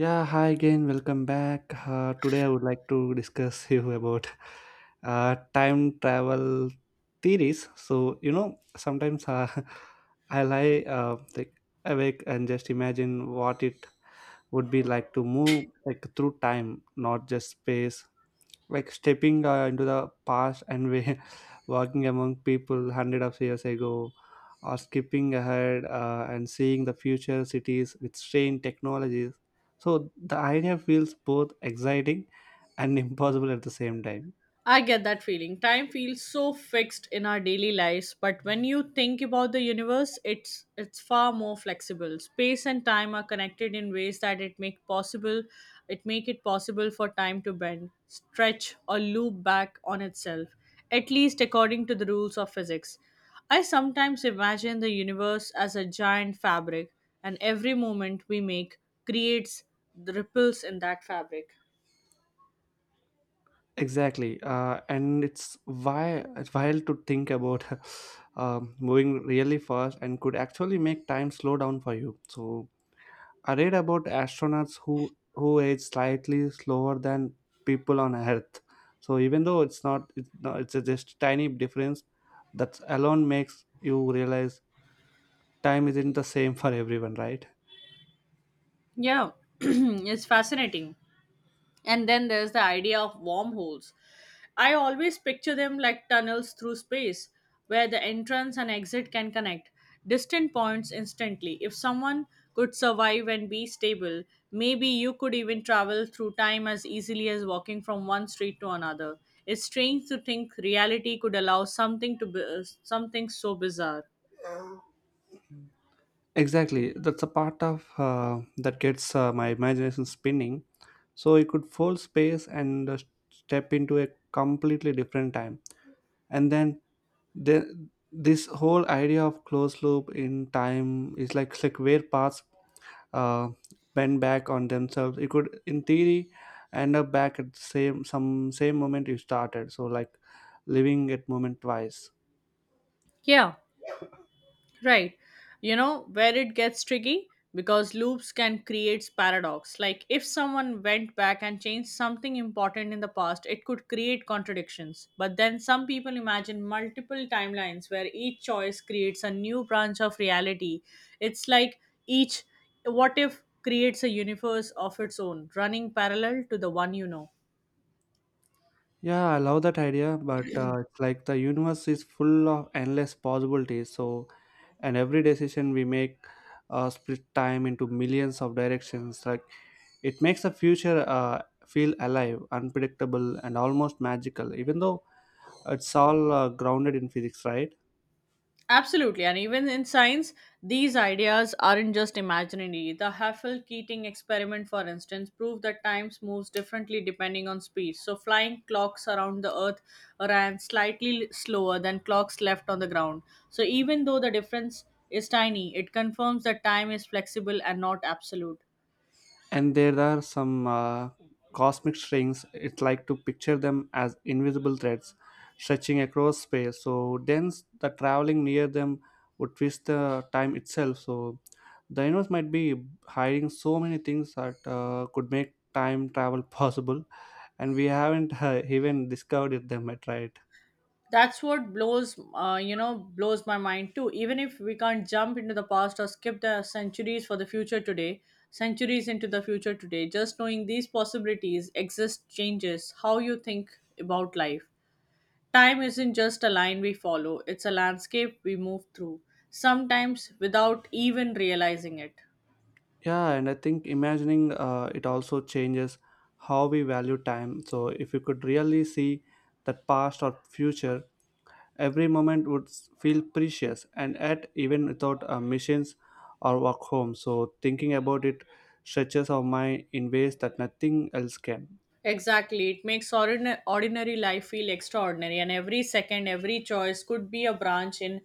Yeah, hi again. Welcome back. Today I would like to discuss you about time travel theories. So you know, sometimes I lie like awake and just imagine what it would be like to move like through time, not just space, like stepping into the past and we walking among people hundred of years ago, or skipping ahead and seeing the future cities with strange technologies. So the idea feels both exciting and impossible at the same time. I get that feeling. Time feels so fixed in our daily lives, but when you think about the universe, it's far more flexible. Space and time are connected in ways that it make it possible for time to bend, stretch or loop back on itself, at least according to the rules of physics. I sometimes imagine the universe as a giant fabric, and every movement we make creates the ripples in that fabric. Exactly, and it's why it's wild to think about moving really fast and could actually make time slow down for you. So I read about astronauts who age slightly slower than people on Earth. So even though it's not it's not, it's a just tiny difference, that alone makes you realize time isn't the same for everyone, right? Yeah, it's fascinating. And then there's the idea of wormholes. I always picture them like tunnels through space where the entrance and exit can connect distant points instantly. If someone could survive and be stable, maybe you could even travel through time as easily as walking from one street to another. It's strange to think reality could allow something so bizarre. Exactly, that's a part of that gets my imagination spinning. So you could fold space and step into a completely different time, and then the, this whole idea of closed loop in time is like where paths uh, bend back on themselves, you could in theory end up back at the same moment you started, so like living at moment twice. Yeah. Right. You know where it gets tricky? Because loops can create paradox. Like if someone went back and changed something important in the past, it could create contradictions. But then some people imagine multiple timelines where each choice creates a new branch of reality. It's like each what if creates a universe of its own, running parallel to the one you know. Yeah, I love that idea, but it's like the universe is full of endless possibilities. So and every decision we make, split time into millions of directions. Like it makes the future feel alive, unpredictable and almost magical, even though it's all grounded in physics, right? Absolutely. And even in science, these ideas aren't just imaginary. The Haffel Keating experiment, for instance, proved that time moves differently depending on speed. So, flying clocks around the Earth ran slightly slower than clocks left on the ground. So, even though the difference is tiny, it confirms that time is flexible and not absolute. And there are some cosmic strings. It's like to picture them as invisible threads stretching across space, so thence the traveling near them would twist the time itself. So the universe might be hiding so many things that could make time travel possible, and we haven't even discovered them yet, right? That's what blows blows my mind too. Even if we can't jump into the past or skip the centuries for the future today centuries into the future today, just knowing these possibilities exist changes how you think about life. Time isn't just a line we follow, it's a landscape we move through sometimes without even realizing it. Yeah, and I think imagining it also changes how we value time. So if you could really see that past or future, every moment would feel precious, and at even without machines or work home. So, thinking about it stretches our mind in ways that nothing else can. Exactly. It makes ordinary life feel extraordinary, and every second, every choice could be a branch in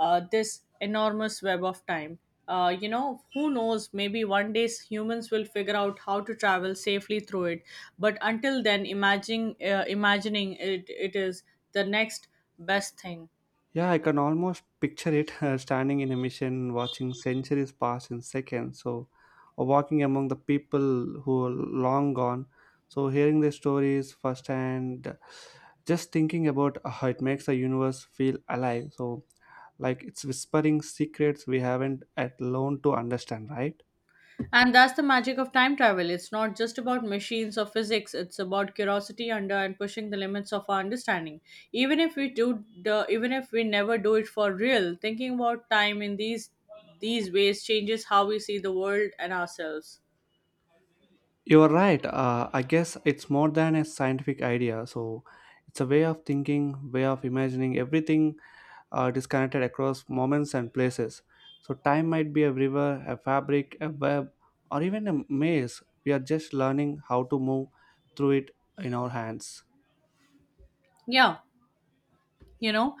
this enormous web of time. You know, who knows? Maybe one day humans will figure out how to travel safely through it. But until then, imagining it is the next best thing. Yeah, I can almost picture it, standing in a mission, watching centuries pass in seconds. So, or walking among the people who are long gone. So, hearing their stories firsthand, just thinking about how it makes the universe feel alive. So, like it's whispering secrets we haven't at learned to understand, right? And that's the magic of time travel. It's not just about machines or physics, it's about curiosity under and pushing the limits of our understanding. Even if even if we never do it for real, thinking about time in these ways changes how we see the world and ourselves. You're right. I guess it's more than a scientific idea. So it's a way of thinking, way of imagining everything disconnected across moments and places. So time might be a river, a fabric, a web, or even a maze. We are just learning how to move through it in our hands. Yeah. You know,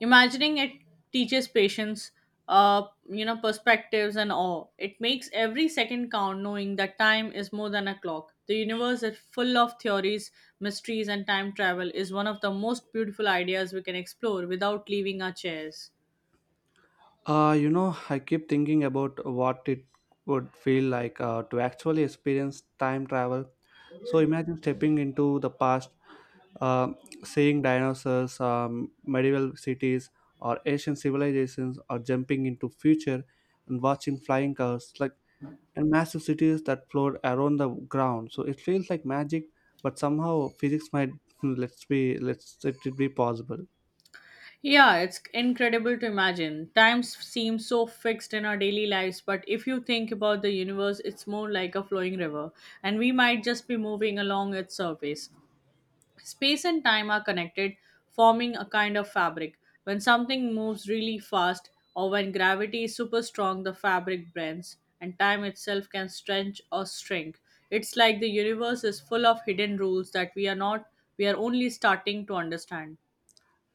imagining it teaches patience, uh you know, perspectives and awe. It makes every second count, knowing that time is more than a clock. The universe is full of theories, mysteries, and time travel is one of the most beautiful ideas we can explore without leaving our chairs. I keep thinking about what it would feel like to actually experience time travel. So imagine stepping into the past, uh, seeing dinosaurs, medieval cities, or ancient civilizations, or jumping into future and watching flying cars, like, and massive cities that float around the ground. So it feels like magic, but somehow physics might let it be possible. Yeah, it's incredible to imagine. Times seem so fixed in our daily lives, but if you think about the universe, it's more like a flowing river, and we might just be moving along its surface. Space and time are connected, forming a kind of fabric. When something moves really fast or when gravity is super strong, the fabric bends, and time itself can stretch or shrink. It's like the universe is full of hidden rules that we are not, we are only starting to understand.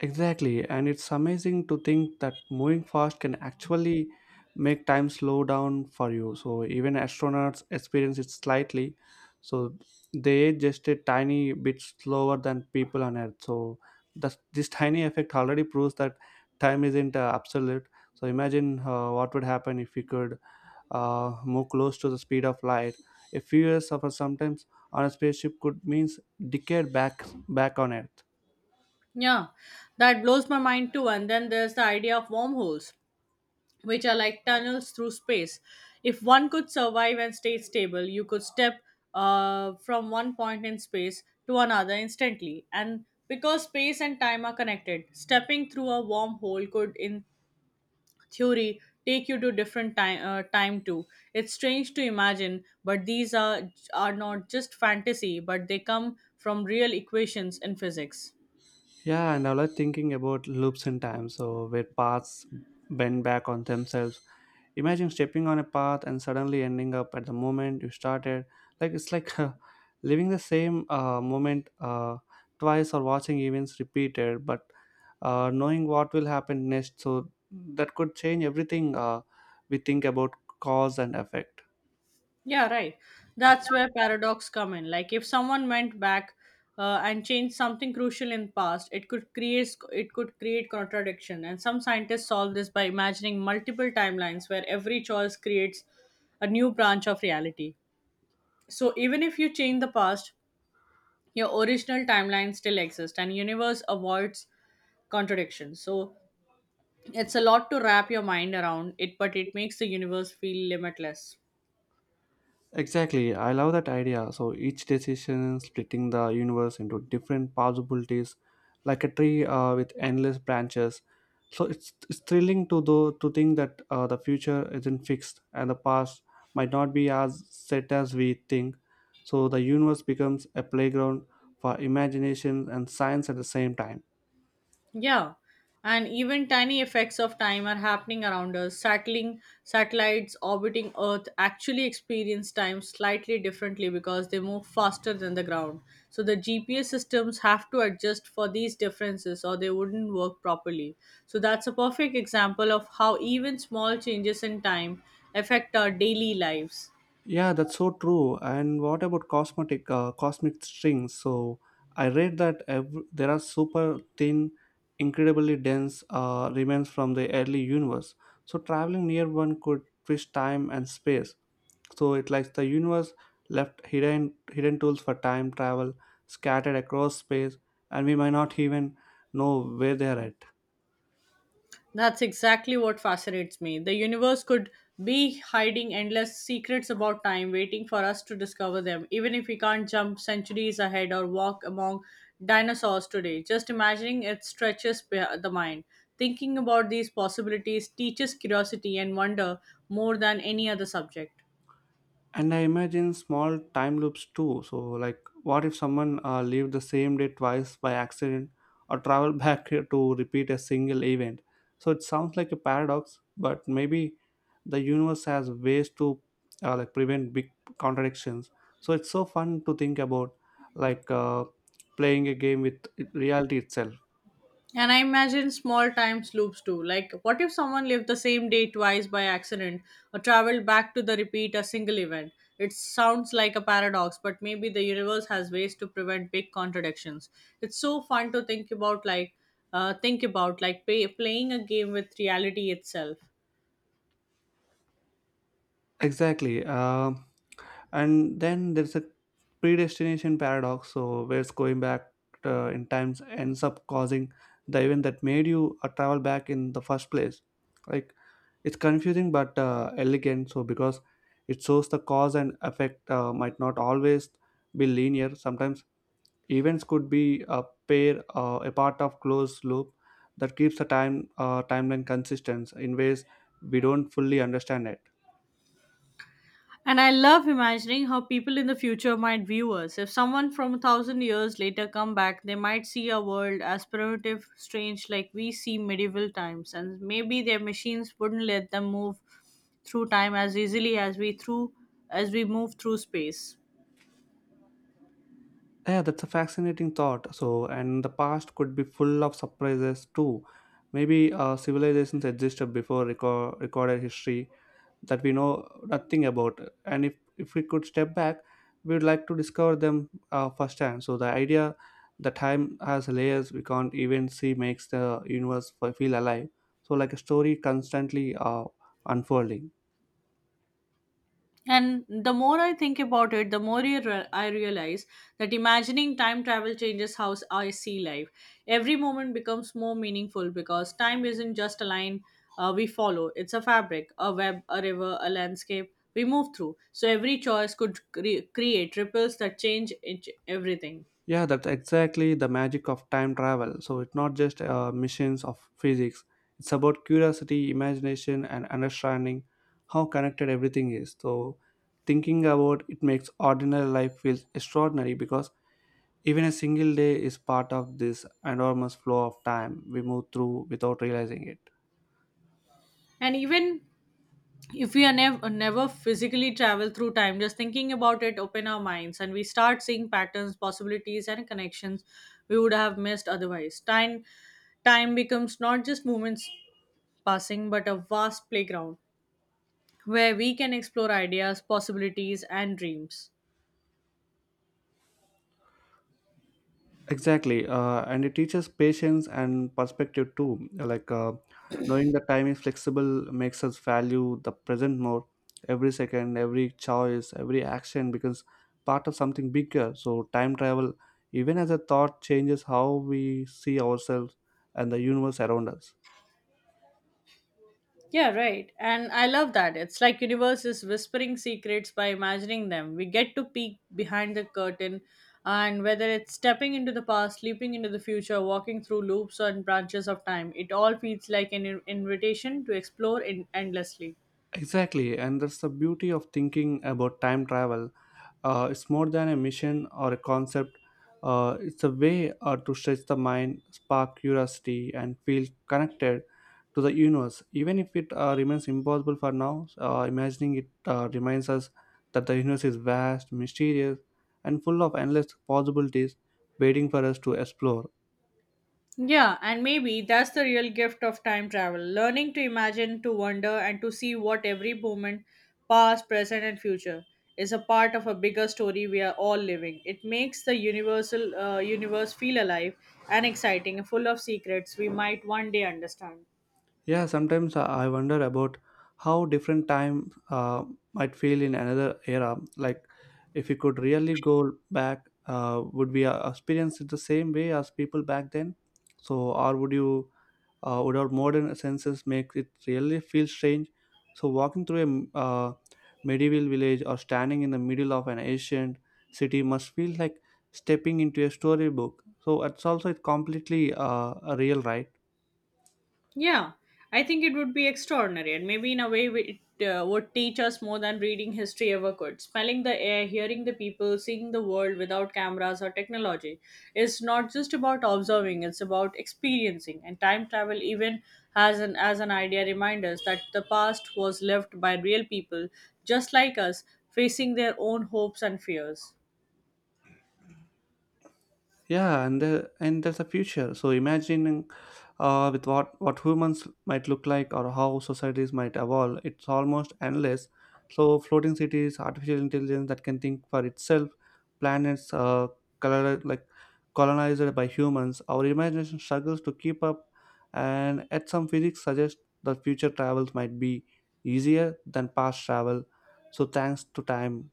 Exactly, and it's amazing to think that moving fast can actually make time slow down for you. So even astronauts experience it slightly. So they age just a tiny bit slower than people on Earth. So this tiny effect already proves that time isn't absolute. So imagine what would happen if we could move close to the speed of light. A few years of sometimes on a spaceship could means decade back on Earth. Yeah, that blows my mind too. And then there's the idea of wormholes, which are like tunnels through space. If one could survive and stay stable, you could step from one point in space to another instantly. And because space and time are connected, stepping through a wormhole could, in theory, take you to different time time too. It's strange to imagine, but these are not just fantasy, but they come from real equations in physics. Yeah, and I was thinking about loops in time, so where paths bend back on themselves. Imagine stepping on a path and suddenly ending up at the moment you started. It's like living the same moment twice, or watching events repeated, but knowing what will happen next. So that could change everything we think about cause and effect. Yeah, right. That's where paradox come in. Like if someone went back and changed something crucial in past, it could create contradiction. And some scientists solve this by imagining multiple timelines where every choice creates a new branch of reality. So even if you change the past, your original timeline still exists and universe avoids contradiction. So it's a lot to wrap your mind around it, but it makes the universe feel limitless. Exactly, I love that idea. So each decision splitting the universe into different possibilities, like a tree with endless branches. So it's thrilling to think that the future isn't fixed and the past might not be as set as we think. So the universe becomes a playground for imagination and science at the same time. Yeah, and even tiny effects of time are happening around us. Sattling Satellites orbiting Earth actually experience time slightly differently because they move faster than the ground. So the GPS systems have to adjust for these differences or they wouldn't work properly. So that's a perfect example of how even small changes in time affect our daily lives. Yeah, that's so true. And what about cosmetic cosmic strings? So I read that there are super thin, incredibly dense remains from the early universe. So traveling near one could twist time and space. So it likes the universe left hidden tools for time travel scattered across space, and we might not even know where they are at. That's exactly what fascinates me. The universe could be hiding endless secrets about time, waiting for us to discover them, even if we can't jump centuries ahead or walk among dinosaurs today. Just imagining it stretches the mind. Thinking about these possibilities teaches curiosity and wonder more than any other subject. And I imagine small time loops too. So like, what if someone lived the same day twice by accident or travel back here to repeat a single event? So it sounds like a paradox, but maybe the universe has ways to like prevent big contradictions. So it's so fun to think about, like, playing a game with reality itself. And I imagine small time loops too. Like, what if someone lived the same day twice by accident or traveled back to the repeat a single event? It sounds like a paradox, but maybe the universe has ways to prevent big contradictions. It's so fun to think about, like, playing a game with reality itself. Exactly. And then there's a predestination paradox, so where going back in times ends up causing the event that made you travel back in the first place. Like, it's confusing but elegant, so because it shows the cause and effect might not always be linear. Sometimes events could be a pair a part of closed loop that keeps the time timeline consistent in ways we don't fully understand it. And I love imagining how people in the future might view us. If someone from 1,000 years later come back, they might see our world as primitive, strange, like we see medieval times, and maybe their machines wouldn't let them move through time as easily as we through as we move through space. Yeah, that's a fascinating thought. So, and the past could be full of surprises too. Maybe civilizations existed before recorded history that we know nothing about. And if we could step back, we would like to discover them firsthand. So, the idea that time has layers we can't even see makes the universe feel alive. So, like a story constantly unfolding. And the more I think about it, the more I realize that imagining time travel changes how I see life. Every moment becomes more meaningful because time isn't just a line we follow, it's a fabric, a web, a river, a landscape we move through. So every choice could create ripples that everything. Yeah, that's exactly the magic of time travel. So it's not just missions of physics, it's about curiosity, imagination, and understanding how connected everything is. So thinking about it makes ordinary life feels extraordinary because even a single day is part of this enormous flow of time we move through without realizing it. And even if we are never physically travel through time, just thinking about it open our minds, and we start seeing patterns, possibilities and connections we would have missed otherwise. Time becomes not just moments passing but a vast playground where we can explore ideas, possibilities and dreams. Exactly, and it teaches patience and perspective too. Like, knowing the time is flexible makes us value the present more. Every second, every choice, every action becomes part of something bigger. So time travel, even as a thought, changes how we see ourselves and the universe around us. Yeah, right. And I love that. It's like universe is whispering secrets by imagining them. We get to peek behind the curtain, and whether it's stepping into the past, leaping into the future, walking through loops and branches of time, it all feels like an invitation to explore endlessly. Exactly, and that's the beauty of thinking about time travel. It's more than a mission or a concept. It's a way to stretch the mind, spark curiosity, and feel connected to the universe. Even if it remains impossible for now, imagining it reminds us that the universe is vast, mysterious, and full of endless possibilities waiting for us to explore. Yeah, and maybe that's the real gift of time travel, learning to imagine, to wonder, and to see what every moment, past, present, and future, is a part of a bigger story we are all living. It makes the universal universe feel alive and exciting, full of secrets we might one day understand. Yeah, sometimes I wonder about how different time uh, might feel in another era. Like, if we could really go back, would we experience it the same way as people back then? So, or would you, would our modern senses make it really feel strange? So, walking through a medieval village or standing in the middle of an ancient city must feel like stepping into a storybook. So, it's also it's completely real, right? Yeah, I think it would be extraordinary, and maybe in a way we- it would teach us more than reading history ever could. Smelling the air, hearing the people, seeing the world without cameras or technology is not just about observing; it's about experiencing. And time travel even as an idea reminds us that the past was lived by real people, just like us, facing their own hopes and fears. Yeah, and and there's a future. So imagining with what humans might look like or how societies might evolve, it's almost endless. So floating cities, artificial intelligence that can think for itself, planets like colonized by humans, our imagination struggles to keep up. And at some, physics suggest that future travels might be easier than past travel, so thanks to time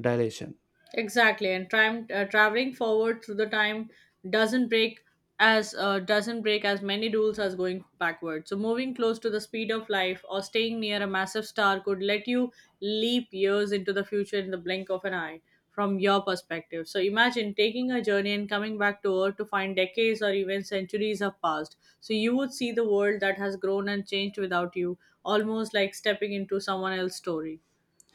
dilation. Exactly, and time traveling forward through the time doesn't break doesn't break as many rules as going backward. So moving close to the speed of life or staying near a massive star could let you leap years into the future in the blink of an eye from your perspective. So imagine taking a journey and coming back to Earth to find decades or even centuries have passed. So you would see the world that has grown and changed without you, almost like stepping into someone else's story.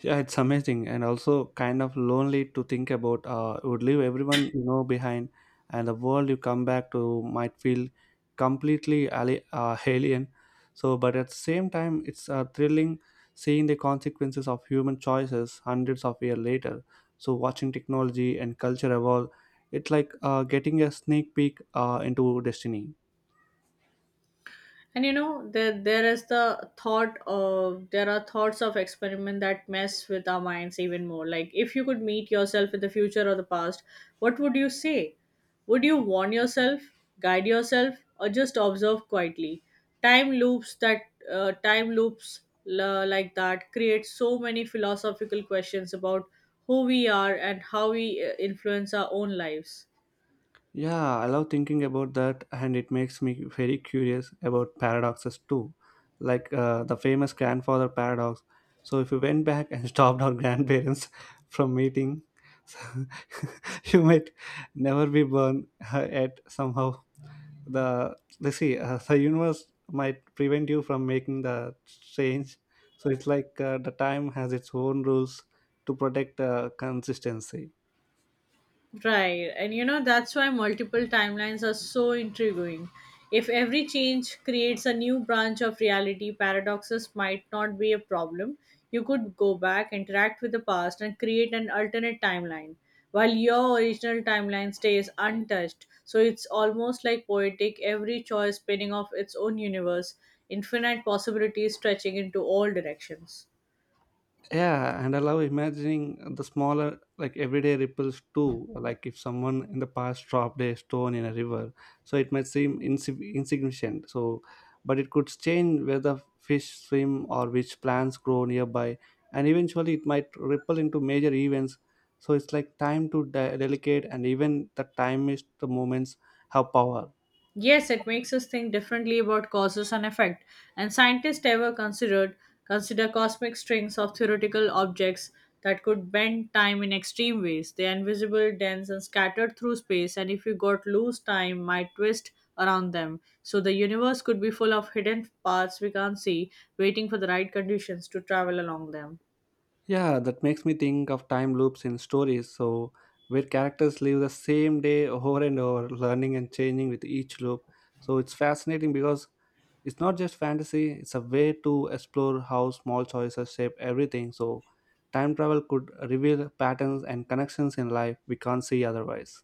Yeah, it's amazing and also kind of lonely to think about. You would leave everyone you know behind, and the world you come back to might feel completely alien. So, but at the same time, it's thrilling seeing the consequences of human choices hundreds of years later. So, watching technology and culture evolve, it's like getting a sneak peek into destiny. And you know, there are thoughts of experiment that mess with our minds even more. Like if you could meet yourself in the future or the past, what would you say? Would you warn yourself, guide yourself, or just observe quietly? Time loops that Time loops like that create so many philosophical questions about who we are and how we influence our own lives. Yeah, I love thinking about that, and it makes me very curious about paradoxes too, like, the famous grandfather paradox. So, if you went back and stopped our grandparents from meeting, you might never be born yet. Somehow, the universe might prevent you from making the change. So, it's like the time has its own rules to protect consistency. Right. And you know, that's why multiple timelines are so intriguing. If every change creates a new branch of reality, paradoxes might not be a problem. You could go back, interact with the past, and create an alternate timeline, while your original timeline stays untouched. So it's almost like poetic, every choice spinning off its own universe, infinite possibilities stretching into all directions. Yeah, and I love imagining the smaller, like everyday ripples too. Like if someone in the past dropped a stone in a river, so it might seem insignificant. So, but it could change whether fish swim or which plants grow nearby, and eventually it might ripple into major events. So it's like time delicate, and even the time is the moments have power. Yes, it makes us think differently about causes and effect. And scientists ever considered consider cosmic strings of theoretical objects that could bend time in extreme ways. They're invisible, dense, and scattered through space, and if you got loose, time might twist around them. So the universe could be full of hidden paths we can't see, waiting for the right conditions to travel along them. Yeah, that makes me think of time loops in stories, So, where characters live the same day over and over, learning and changing with each loop. It's fascinating because it's not just fantasy, it's a way to explore how small choices shape everything. So, time travel could reveal patterns and connections in life we can't see otherwise.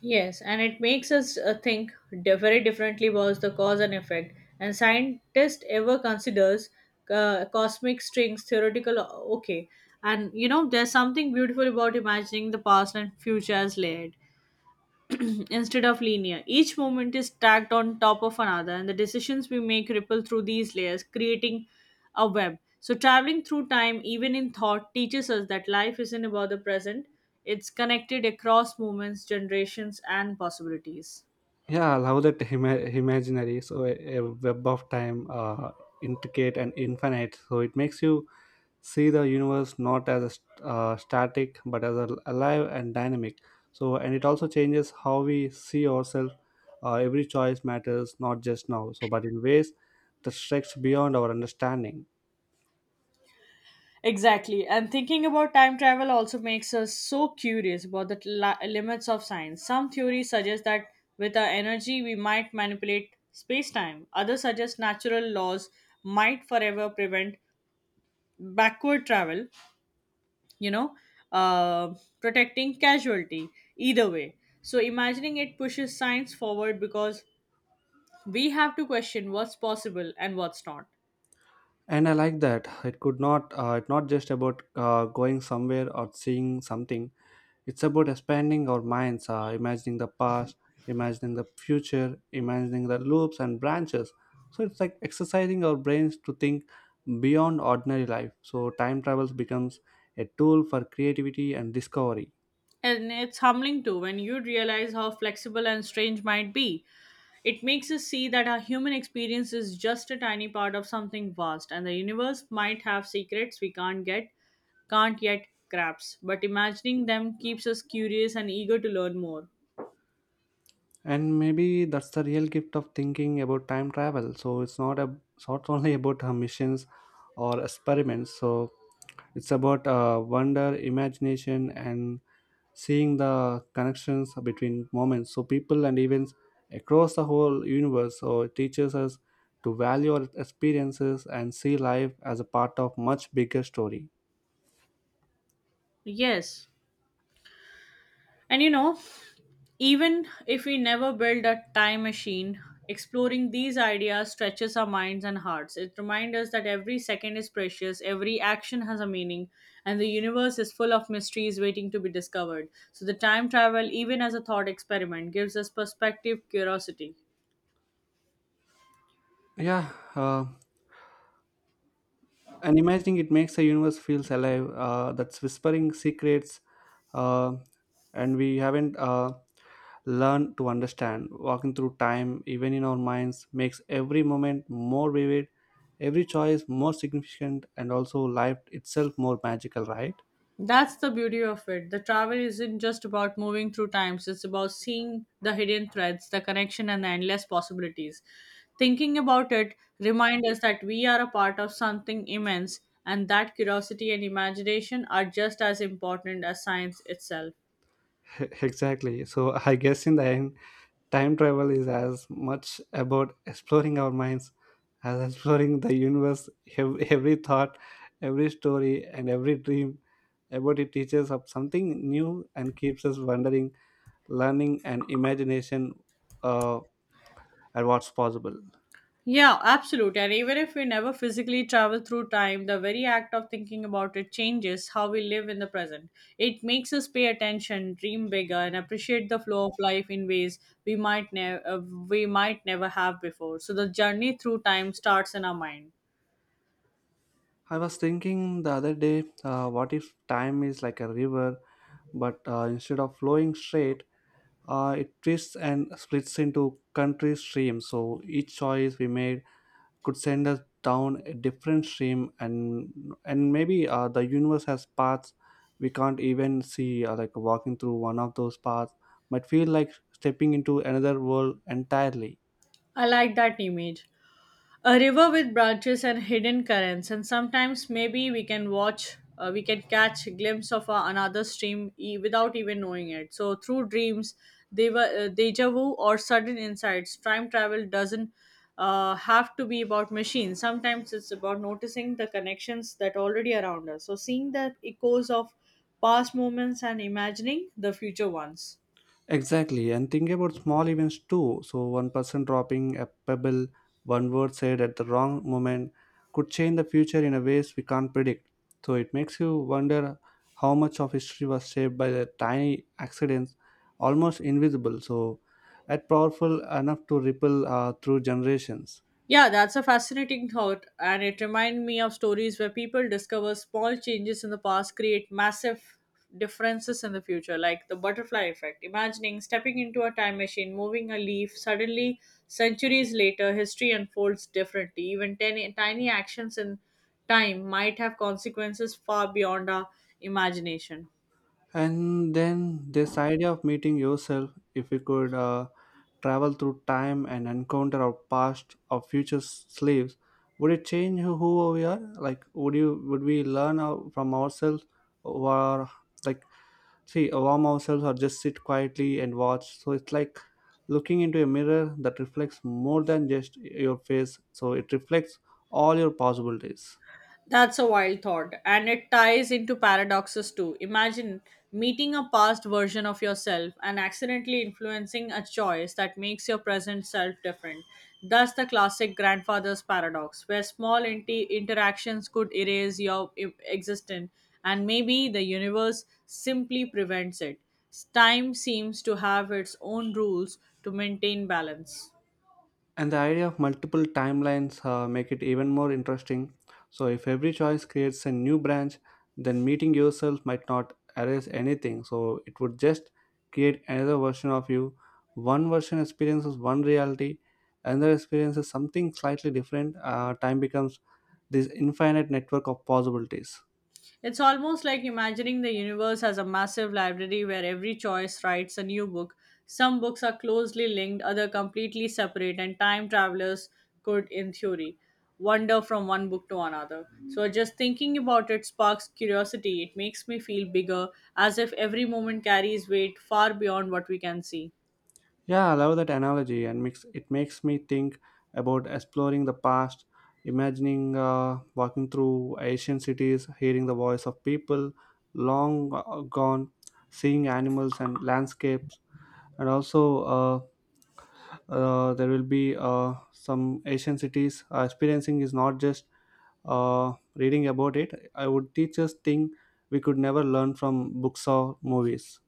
Yes, and it makes us think very differently about the cause and effect. And scientist ever considers cosmic strings theoretical, okay. And you know, there's something beautiful about imagining the past and future as layered instead of linear. Each moment is stacked on top of another, and the decisions we make ripple through these layers, creating a web. So, traveling through time, even in thought, teaches us that life isn't about the present, it's connected across moments, generations, and possibilities. Yeah, I love that imaginary. So, a web of time, intricate and infinite. So, it makes you see the universe not as a static but as a alive and dynamic, so, and it also changes how we see ourselves. Every choice matters not just now, so but in ways that stretch beyond our understanding. Exactly. And thinking about time travel also makes us so curious about the limits of science. Some theories suggest that with our energy, we might manipulate space time. Others suggest natural laws might forever prevent backward travel, you know, uh, protecting casualty, either way. So, imagining it pushes science forward because we have to question what's possible and what's not. And I like that it could not, it's not just about going somewhere or seeing something. It's about expanding our minds, imagining the past, imagining the future, imagining the loops and branches. So it's like exercising our brains to think beyond ordinary life. So time travels becomes a tool for creativity and discovery. And it's humbling too when you realize how flexible and strange might be. It makes us see that our human experience is just a tiny part of something vast, and the universe might have secrets we can't can't yet grasp. But imagining them keeps us curious and eager to learn more. And maybe that's the real gift of thinking about time travel. So it's not only about missions or experiments. So it's about wonder, imagination, and seeing the connections between moments, so people and events across the whole universe. So it teaches us to value our experiences and see life as a part of much bigger story. Yes. And you know, even if we never build a time machine, exploring these ideas stretches our minds and hearts. It reminds us that every second is precious, every action has a meaning, and the universe is full of mysteries waiting to be discovered. So, the time travel, even as a thought experiment, gives us perspective, curiosity. Yeah, uh, and imagining it makes the universe feels alive, that's whispering secrets uh, and we haven't learn to understand. Walking through time, even in our minds, makes every moment more vivid, every choice more significant, and also life itself more magical, right? That's the beauty of it. The travel isn't just about moving through times, it's about seeing the hidden threads, the connection, and the endless possibilities. Thinking about it reminds us that we are a part of something immense, and that curiosity and imagination are just as important as science itself. Exactly. So I guess in the end, time travel is as much about exploring our minds as exploring the universe. Every thought, every story, and every dream about it teaches us something new and keeps us wondering, learning, and imagination uh, at what's possible. Yeah, absolutely. And even if we never physically travel through time, the very act of thinking about it changes how we live in the present. It makes us pay attention, dream bigger, and appreciate the flow of life in ways we might never uh, we might never have before. So the journey through time starts in our mind. I was thinking the other day, what if time is like a river, but instead of flowing straight, it twists and splits into country streams. So each choice we made could send us down a different stream, and maybe the universe has paths we can't even see. Like walking through one of those paths might feel like stepping into another world entirely. I like that image. A river with branches and hidden currents, and sometimes maybe we can watch we can catch a glimpse of another stream without even knowing it, so through dreams they were, deja vu, or sudden insights. Time travel doesn't have to be about machines. Sometimes it's about noticing the connections that already around us, so seeing the echoes of past moments and imagining the future ones. Exactly, and think about small events too. So, one person dropping a pebble, one word said at the wrong moment, could change the future in a ways we can't predict. So, it makes you wonder how much of history was shaped by the tiny accidents, almost invisible, so, yet powerful enough to ripple through generations. Yeah, that's a fascinating thought, and it reminds me of stories where people discover small changes in the past create massive differences in the future, like the butterfly effect. Imagining stepping into a time machine, moving a leaf, suddenly, centuries later, history unfolds differently. Even tiny, tiny actions in time might have consequences far beyond our imagination. And then this idea of meeting yourself, if we could travel through time and encounter our past or future slaves, would it change who we are? Like would we learn our, from ourselves, or, like, see warm ourselves or just sit quietly and watch? So it's like looking into a mirror that reflects more than just your face, so it reflects all your possibilities. That's a wild thought, and it ties into paradoxes too. Imagine meeting a past version of yourself and accidentally influencing a choice that makes your present self different. That's the classic grandfather's paradox, where small interactions could erase your existence, and maybe the universe simply prevents it. Time seems to have its own rules to maintain balance. And the idea of multiple timelines make it even more interesting. So if every choice creates a new branch, then meeting yourself might not erase anything, so it would just create another version of you. One version experiences one reality, another experiences something slightly different. Time becomes this infinite network of possibilities. It's almost like imagining the universe as a massive library where every choice writes a new book. Some books are closely linked, other completely separate, and time travelers could, in theory, wander from one book to another. So just thinking about it sparks curiosity. It makes me feel bigger, as if every moment carries weight far beyond what we can see. Yeah, I love that analogy, and makes me think about exploring the past, imagining walking through Asian cities, hearing the voice of people long gone, seeing animals and landscapes, and also uh, there will be some Asian cities. Experiencing is not just reading about it. I would teach us things we could never learn from books or movies.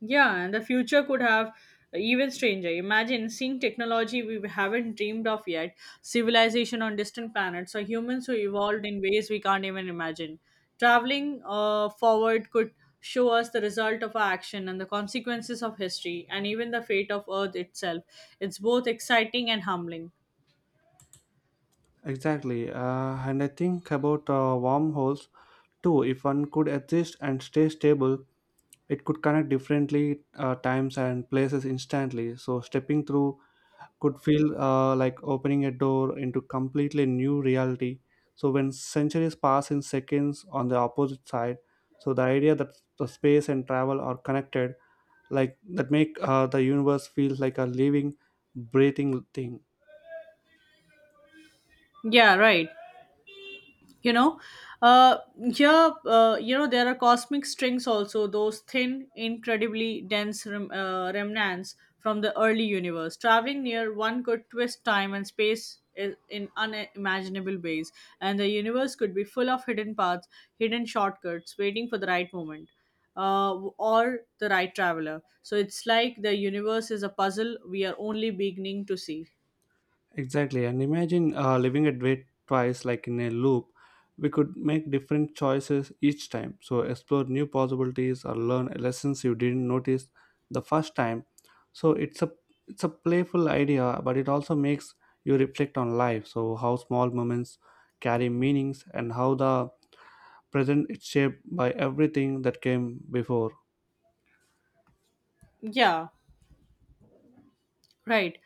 Yeah, and the future could have even stranger. Imagine seeing technology we haven't dreamed of yet, civilization on distant planets, or humans who evolved in ways we can't even imagine. Traveling forward could show us the result of our action and the consequences of history, and even the fate of Earth itself. It's both exciting and humbling. Exactly, and I think about wormholes two, if one could exist and stay stable, it could connect differently times and places instantly. So stepping through could feel like opening a door into completely new reality. So when centuries pass in seconds on the opposite side, so the idea that the space and travel are connected, like that, make the universe feels like a living, breathing thing. Yeah, right. you know uh you know, there are cosmic strings also, those thin, incredibly dense remnants from the early universe. Traveling near one could twist time and space in unimaginable ways, and the universe could be full of hidden paths, hidden shortcuts waiting for the right moment, uh, or the right traveler. So it's like the universe is a puzzle we are only beginning to see. Exactly, and imagine living a day twice, like in a loop. We could make different choices each time, so explore new possibilities or learn lessons you didn't notice the first time. So it's a playful idea, but it also makes you reflect on life. So how small moments carry meanings and how the present is shaped by everything that came before. Yeah, right.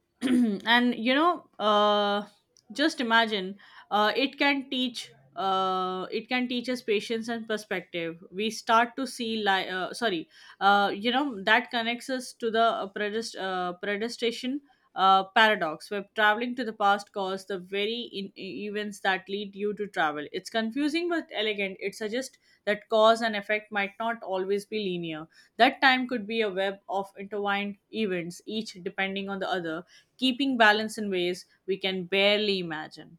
And just imagine, uh, it can teach it can teach us patience and perspective. We start to see sorry, you know, that connects us to the predestation paradox. We're traveling to the past, cause the very events that lead you to travel. It's confusing but elegant. It suggests that cause and effect might not always be linear. That time could be a web of intertwined events, each depending on the other, keeping balance in ways we can barely imagine.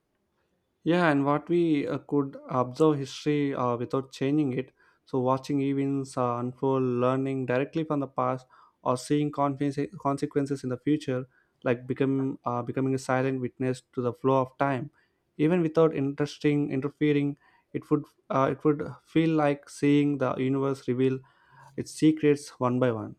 Yeah, and what we could observe history without changing it. So, watching events unfold, learning directly from the past, or seeing consequences in the future, like become becoming a silent witness to the flow of time, even without interesting interfering, it would it would feel like seeing the universe reveal its secrets one by one.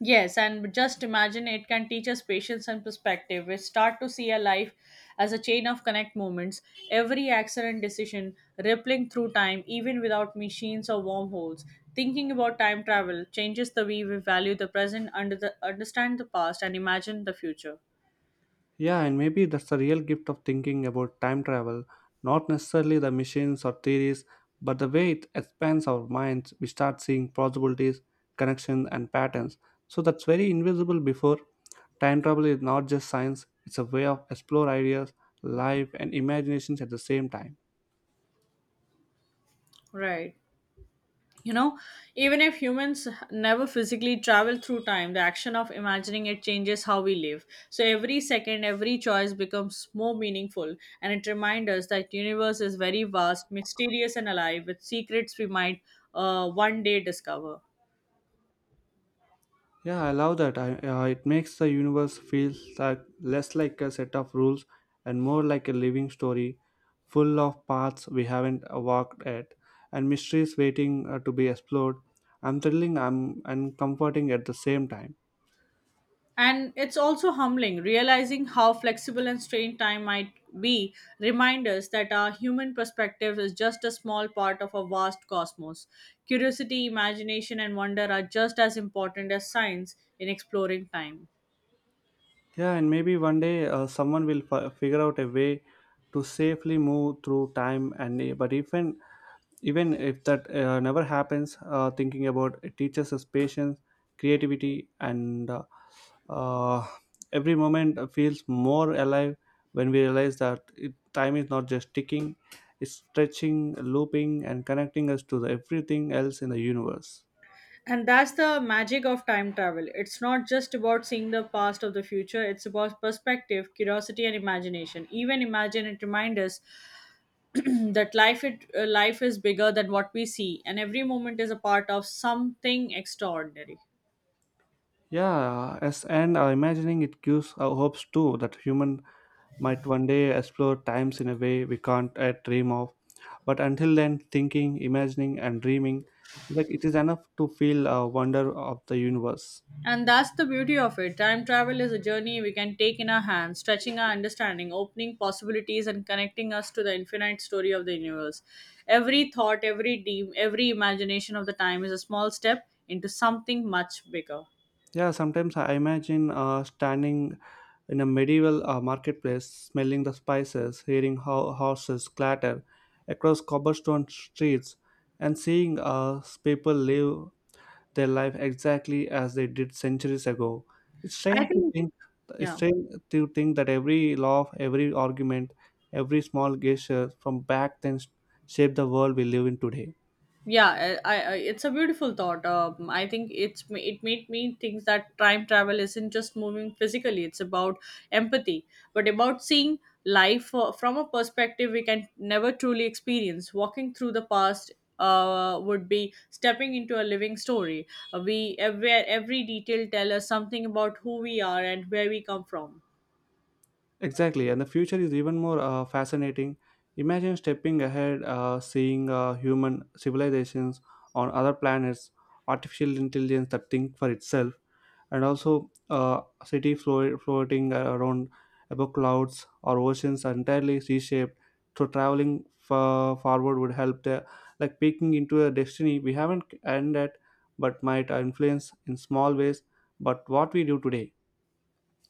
Yes, and just imagine it can teach us patience and perspective. We start to see a life as a chain of connect moments, every accident decision rippling through time, even without machines or wormholes. Thinking about time travel changes the way we value the present, understand the past, and imagine the future. Yeah, and maybe that's the real gift of thinking about time travel. Not necessarily the machines or theories, but the way it expands our minds. We start seeing possibilities, connections, and patterns. So that's very invisible before. Time travel is not just science, it's a way of explore ideas, life, and imaginations at the same time. Right. You know, even if humans never physically travel through time, the action of imagining it changes how we live. So every second, every choice becomes more meaningful, and it reminds us that universe is very vast, mysterious, and alive with secrets we might one day discover. Yeah, I love that. It makes the universe feel like less like a set of rules and more like a living story full of paths we haven't walked yet and mysteries waiting to be explored. And comforting at the same time. And it's also humbling realizing how flexible and strained time might be. Reminders that our human perspective is just a small part of a vast cosmos. Curiosity, imagination, and wonder are just as important as science in exploring time. Yeah, and maybe one day someone will figure out a way to safely move through time and but even even if that never happens, thinking about it teaches us patience, creativity, and uh, every moment feels more alive when we realize that time is not just ticking, it's stretching, looping, and connecting us to the, everything else in the universe. And that's the magic of time travel. It's not just about seeing the past or the future, it's about perspective, curiosity, and imagination. Even imagine it reminds us that life is bigger than what we see, and every moment is a part of something extraordinary. Yeah, as and imagining it gives hopes too that human might one day explore times in a way we can't dream of. But until then, thinking, imagining, and dreaming, like it is enough to feel a wonder of the universe. And that's the beauty of it. Time travel is a journey we can take in our hands, stretching our understanding, opening possibilities, and connecting us to the infinite story of the universe. Every thought, every dream, every imagination of the time is a small step into something much bigger. Yeah, sometimes I imagine standing in a medieval marketplace, smelling the spices, hearing horses clatter across cobblestone streets, and seeing people live their life exactly as they did centuries ago. It's I strange to think, think it's yeah. strange to think that every law, every argument, every small gesture from back then shaped the world we live in today. yeah I- it's a beautiful thought. I think it made me think that time travel isn't just moving physically, it's about empathy, but about seeing life from a perspective we can never truly experience. Walking through the past would be stepping into a living story we where every detail tell us something about who we are and where we come from. Exactly, and the future is even more fascinating. Imagine stepping ahead, seeing human civilizations on other planets, artificial intelligence that think for itself, and also city floating around above clouds or oceans are entirely sea-shaped. So traveling forward would help the like peeking into a destiny we haven't ended, but might influence in small ways. But what we do today.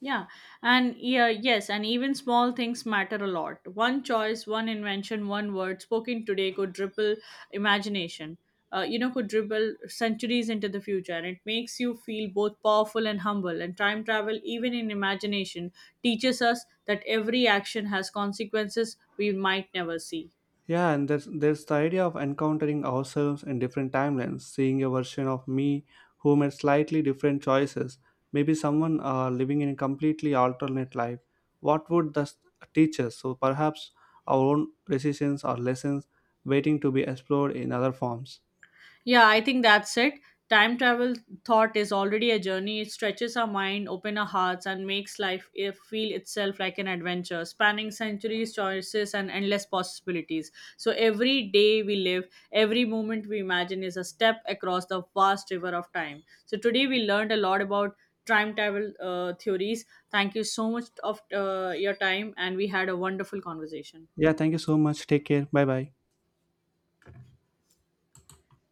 Yeah, and yeah, yes, and even small things matter a lot. One choice, one invention, one word spoken today could ripple imagination. You know, could ripple centuries into the future, and it makes you feel both powerful and humble. And time travel, even in imagination, teaches us that every action has consequences we might never see. Yeah, and there's the idea of encountering ourselves in different timelines, seeing a version of me who made slightly different choices. Maybe someone living in a completely alternate life. What would this teach us? So perhaps our own decisions or lessons waiting to be explored in other forms. Yeah, I think that's it. Time travel thought is already a journey. It stretches our mind, open our hearts, and makes life eh, feel itself like an adventure, spanning centuries, choices, and endless possibilities. So every day we live, every moment we imagine is a step across the vast river of time. So today we learned a lot about time travel theories. Thank you so much of your time, and we had a wonderful conversation. Yeah, thank you so much. Take care. Bye bye.